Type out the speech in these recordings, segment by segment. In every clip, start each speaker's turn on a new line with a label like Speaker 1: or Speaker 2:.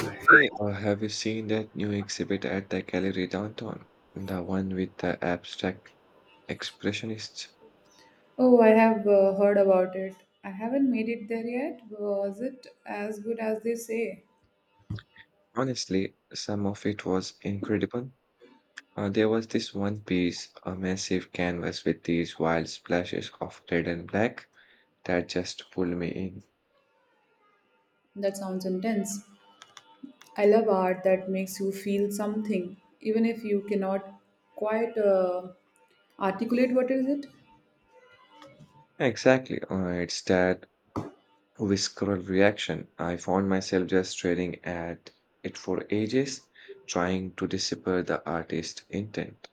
Speaker 1: Hey, have you seen that new exhibit at the gallery downtown? The one with the abstract expressionists?
Speaker 2: Oh, I have heard about it. I haven't made it there yet. Was it as good as they say?
Speaker 1: Honestly, some of it was incredible. There was this one piece, a massive canvas with these wild splashes of red and black that just pulled me in.
Speaker 2: That sounds intense. I love art that makes you feel something, even if you cannot quite articulate what is it.
Speaker 1: Exactly, it's that visceral reaction. I found myself just staring at it for ages, trying to decipher the artist's intent.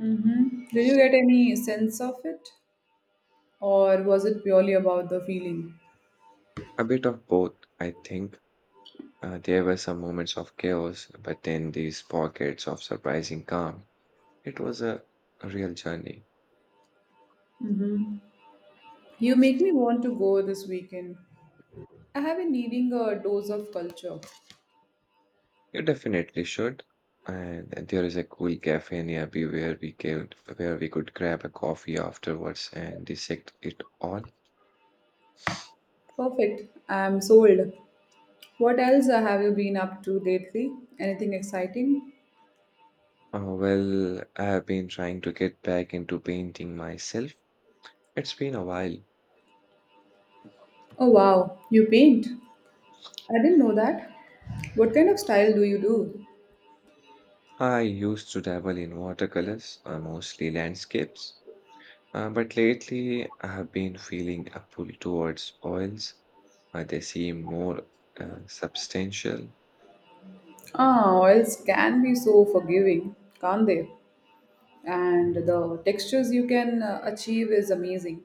Speaker 2: Mm-hmm. Did you get any sense of it, or was it purely about the feeling?
Speaker 1: A bit of both, I think. There were some moments of chaos, but then these pockets of surprising calm. It was a real journey.
Speaker 2: Mm-hmm. You make me want to go this weekend. I have been needing a dose of culture.
Speaker 1: You definitely should. And there is a cool cafe nearby where we could grab a coffee afterwards and dissect it all.
Speaker 2: Perfect. I am sold. What else have you been up to lately? Anything exciting?
Speaker 1: Well, I have been trying to get back into painting myself. It's been a while.
Speaker 2: Oh wow, you paint. I didn't know that. What kind of style do you do?
Speaker 1: I used to dabble in watercolors, mostly landscapes. But lately, I have been feeling a pull towards oils. They seem more substantial.
Speaker 2: Ah, oils can be so forgiving, can't they? And the textures you can achieve is amazing.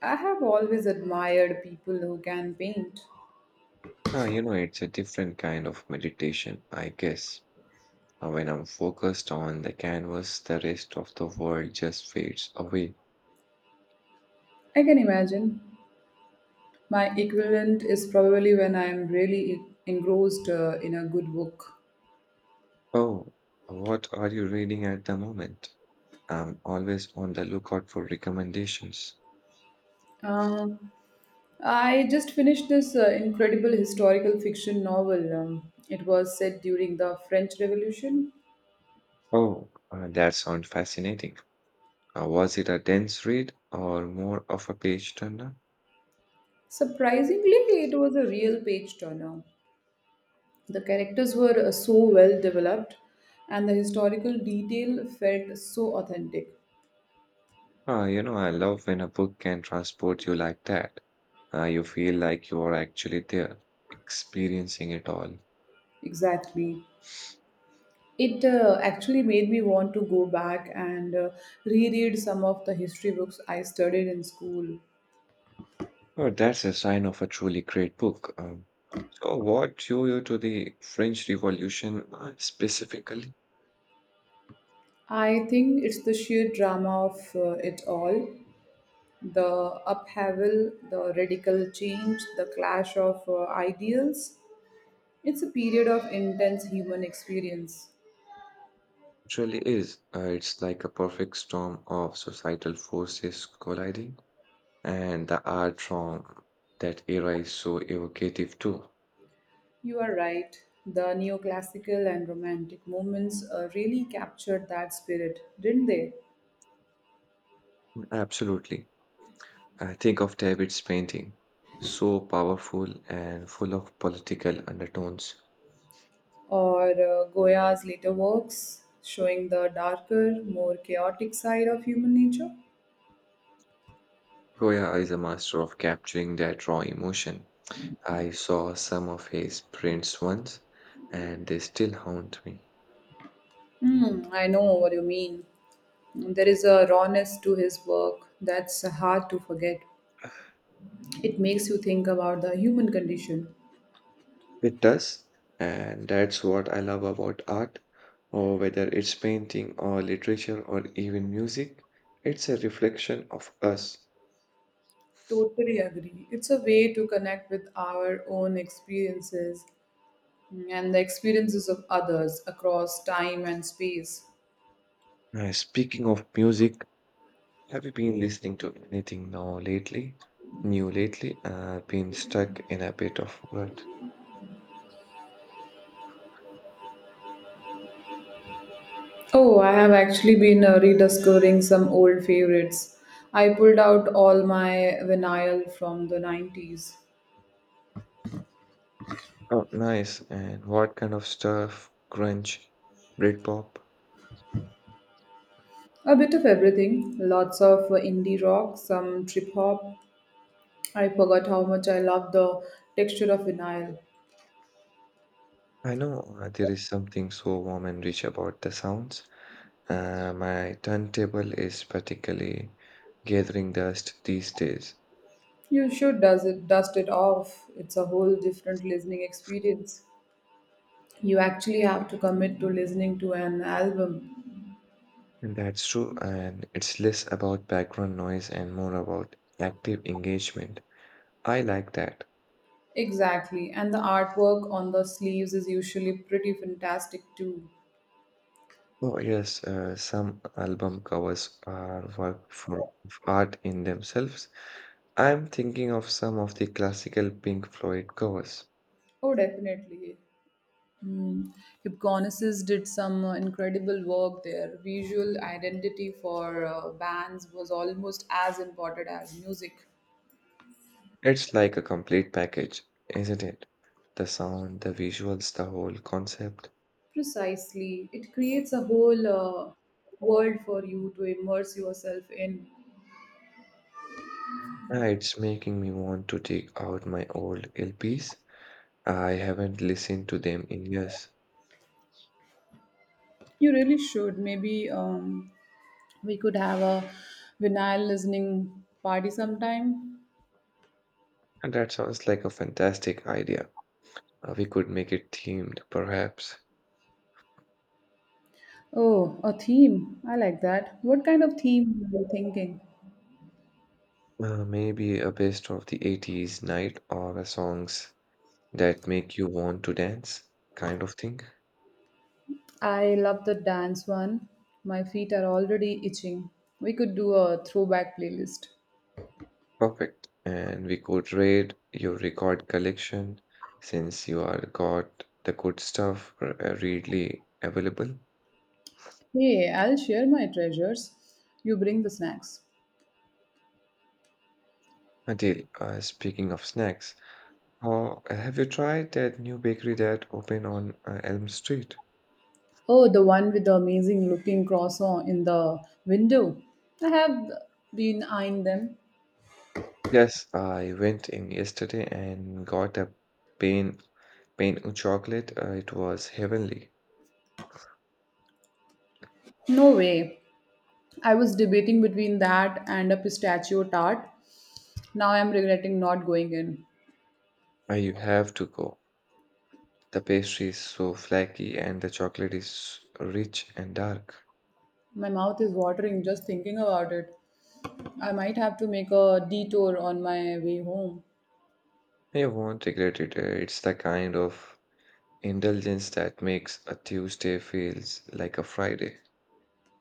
Speaker 2: I have always admired people who can paint.
Speaker 1: You know, it's a different kind of meditation, I guess. When I'm focused on the canvas, the rest of the world just fades away.
Speaker 2: I can imagine. My equivalent is probably when I am really engrossed in a good book.
Speaker 1: Oh, what are you reading at the moment? I'm always on the lookout for recommendations.
Speaker 2: Um, I just finished this incredible historical fiction novel. It was set during the French Revolution.
Speaker 1: Oh, that sounds fascinating. Was it a dense read or more of a page turner?
Speaker 2: Surprisingly, it was a real page turner. The characters were so well developed, and the historical detail felt so authentic.
Speaker 1: Ah, you know, I love when a book can transport you like that. You feel like you are actually there, experiencing it all.
Speaker 2: Exactly. It actually made me want to go back and reread some of the history books I studied in school.
Speaker 1: Oh, that's a sign of a truly great book. So, what drew you to the French Revolution specifically?
Speaker 2: I think it's the sheer drama of it all, the upheaval, the radical change, the clash of ideals. It's a period of intense human experience.
Speaker 1: Truly, is it's like a perfect storm of societal forces colliding, and the art from that era is so evocative too.
Speaker 2: You are right. The neoclassical and romantic movements really captured that spirit, didn't they?
Speaker 1: Absolutely. I think of David's painting, so powerful and full of political undertones.
Speaker 2: Or Goya's later works, showing the darker, more chaotic side of human nature?
Speaker 1: Goya is a master of capturing that raw emotion. I saw some of his prints once, and they still haunt me.
Speaker 2: Hmm, I know what you mean. There is a rawness to his work that's hard to forget. It makes you think about the human condition.
Speaker 1: It does, and that's what I love about art, or whether it's painting or literature or even music, it's a reflection of us.
Speaker 2: Totally agree. It's a way to connect with our own experiences and the experiences of others across time and space.
Speaker 1: Speaking of music, have you been listening to anything now lately? New lately? Been stuck in a bit of what?
Speaker 2: Oh, I have actually been rediscovering some old favorites. I pulled out all my vinyl from the 90s.
Speaker 1: Oh, nice. And what kind of stuff? Grunge, Britpop.
Speaker 2: A bit of everything, lots of indie rock, some trip hop. I forgot how much I love the texture of vinyl.
Speaker 1: I know, there is something so warm and rich about the sounds. My turntable is particularly gathering dust these days.
Speaker 2: You should, does it, dust it off. It's a whole different listening experience. You actually have to commit to listening to an album.
Speaker 1: And that's true. And it's less about background noise and more about active engagement. I like that.
Speaker 2: Exactly. And the artwork on the sleeves is usually pretty fantastic too.
Speaker 1: Oh, yes, some album covers are work for of art in themselves. I'm thinking of some of the classical Pink Floyd covers.
Speaker 2: Oh, definitely. Hmm. Hipgnosis did some incredible work there. Visual identity for bands was almost as important as music.
Speaker 1: It's like a complete package, isn't it? The sound, the visuals, the whole concept.
Speaker 2: Precisely. It creates a whole world for you to immerse yourself in.
Speaker 1: Yeah, it's making me want to take out my old LPs. I haven't listened to them in years.
Speaker 2: You really should. Maybe we could have a vinyl listening party sometime.
Speaker 1: And that sounds like a fantastic idea. We could make it themed, perhaps.
Speaker 2: Oh, a theme. I like that. What kind of theme were you thinking?
Speaker 1: Maybe a best of the 80s night or a songs that make you want to dance kind of thing.
Speaker 2: I love the dance one. My feet are already itching. We could do a throwback playlist.
Speaker 1: Perfect. And we could raid your record collection since you are got the good stuff readily available.
Speaker 2: Hey, I'll share my treasures. You bring the snacks.
Speaker 1: Adil, speaking of snacks, how have you tried that new bakery that opened on Elm Street?
Speaker 2: Oh, the one with the amazing looking croissant in the window. I have been eyeing them.
Speaker 1: Yes, I went in yesterday and got a pain pain of chocolate. It was heavenly.
Speaker 2: No way. I was debating between that and a pistachio tart. Now I'm regretting not going in.
Speaker 1: You have to go. The pastry is so flaky and the chocolate is rich and dark.
Speaker 2: My mouth is watering just thinking about it. I might have to make a detour on my way home.
Speaker 1: You won't regret it. It's the kind of indulgence that makes a Tuesday feels like a Friday.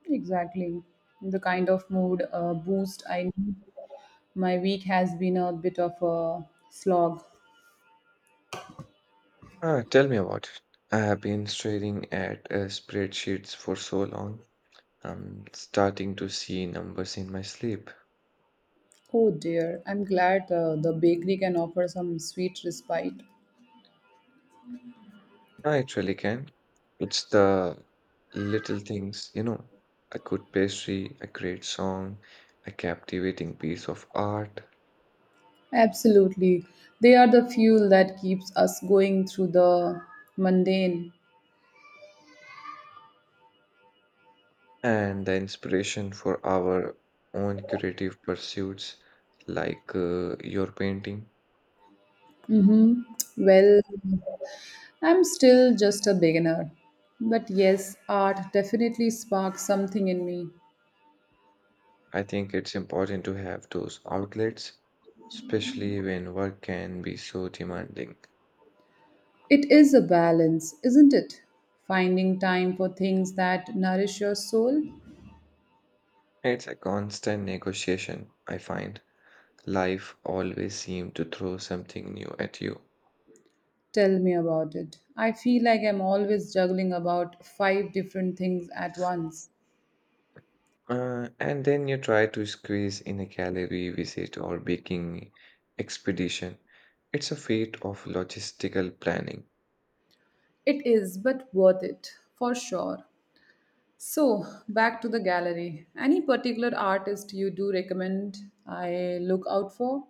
Speaker 2: Exactly. The kind of mood boost I need. My week has been a bit of a slog.
Speaker 1: Ah, tell me about it. I have been staring at spreadsheets for so long. I'm starting to see numbers in my sleep.
Speaker 2: Oh dear, I'm glad the bakery can offer some sweet respite.
Speaker 1: I actually can. It's the little things, you know, a good pastry, a great song, a captivating piece of art,
Speaker 2: Absolutely. They are the fuel that keeps us going through the mundane.
Speaker 1: and the inspiration for our own creative pursuits, like your painting.
Speaker 2: Mhm. Well, I'm still just a beginner. But yes, art definitely sparks something in me.
Speaker 1: I think it's important to have those outlets, especially when work can be so demanding.
Speaker 2: It is a balance, isn't it? Finding time for things that nourish your soul.
Speaker 1: It's a constant negotiation, I find. Life always seems to throw something new at you.
Speaker 2: Tell me about it. I feel like I'm always juggling about 5 different things at once.
Speaker 1: And then you try to squeeze in a gallery visit or baking expedition. It's a feat of logistical planning.
Speaker 2: It is, but worth it, for sure. So, back to the gallery. Any particular artist you do recommend I look out for?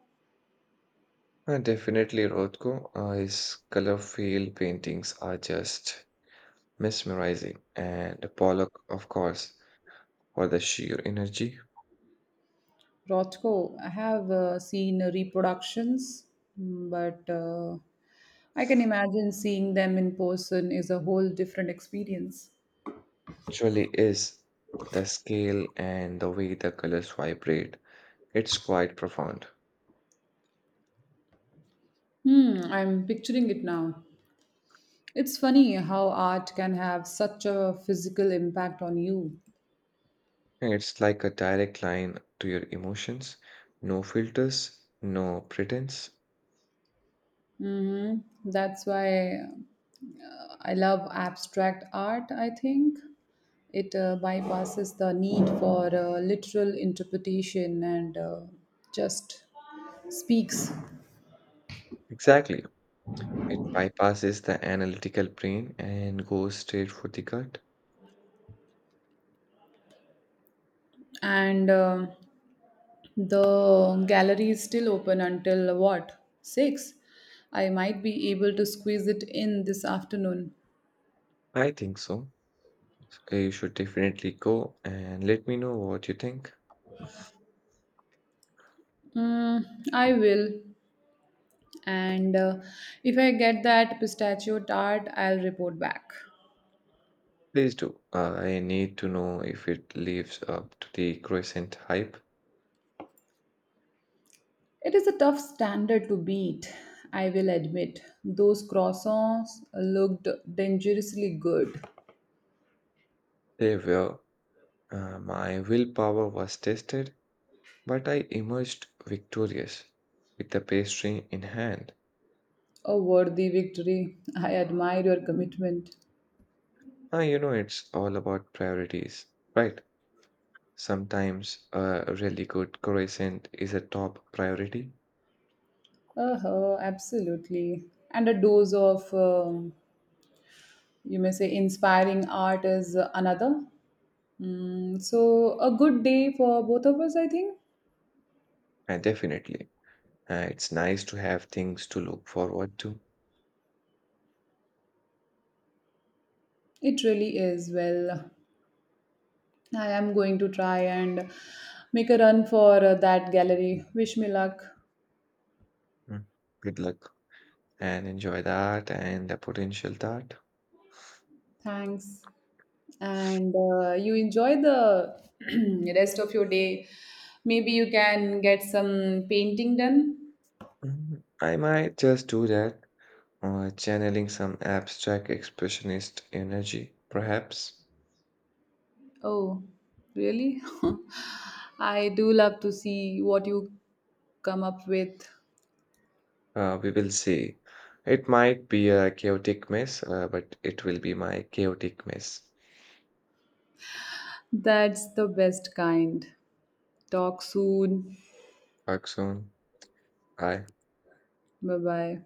Speaker 1: Definitely, Rothko, his color field paintings are just mesmerizing, and Pollock, of course, for the sheer energy.
Speaker 2: Rothko, I have seen reproductions, but I can imagine seeing them in person is a whole different experience.
Speaker 1: Surely is the scale and the way the colors vibrate. It's quite profound.
Speaker 2: Hmm, I'm picturing it now. It's funny how art can have such a physical impact on you.
Speaker 1: It's like a direct line to your emotions. No filters, no pretense.
Speaker 2: Hmm. That's why I love abstract art, I think. It bypasses the need for literal interpretation and just speaks.
Speaker 1: Exactly. It bypasses the analytical brain and goes straight for the gut.
Speaker 2: And the gallery is still open until, what, 6? I might be able to squeeze it in this afternoon.
Speaker 1: I think so. You should definitely go and let me know what you think.
Speaker 2: Mm, I will. And if I get that pistachio tart, I'll report back.
Speaker 1: Please do. I need to know if it lives up to the crescent hype.
Speaker 2: It is a tough standard to beat. I will admit those croissants looked dangerously good.
Speaker 1: They were. My willpower was tested, but I emerged victorious with the pastry in hand.
Speaker 2: A worthy victory. I admire your commitment.
Speaker 1: Ah, you know, it's all about priorities, right? Sometimes a really good croissant is a top priority.
Speaker 2: Uh-huh, absolutely. And a dose of, you may say, inspiring art is another. Mm, so, a good day for both of us, I think.
Speaker 1: Definitely. It's nice to have things to look forward to.
Speaker 2: It really is. Well, I am going to try and make a run for that gallery. Wish me luck.
Speaker 1: Mm. Good luck and enjoy that and the potential that.
Speaker 2: Thanks. And you enjoy the rest of your day. Maybe you can get some painting done.
Speaker 1: Mm, I might just do that, channeling some abstract expressionist energy, perhaps.
Speaker 2: Oh, really? I do love to see what you come up with.
Speaker 1: We will see. It might be a chaotic mess, but it will be my chaotic mess.
Speaker 2: That's the best kind. Talk soon.
Speaker 1: Talk soon. Bye.
Speaker 2: Bye bye.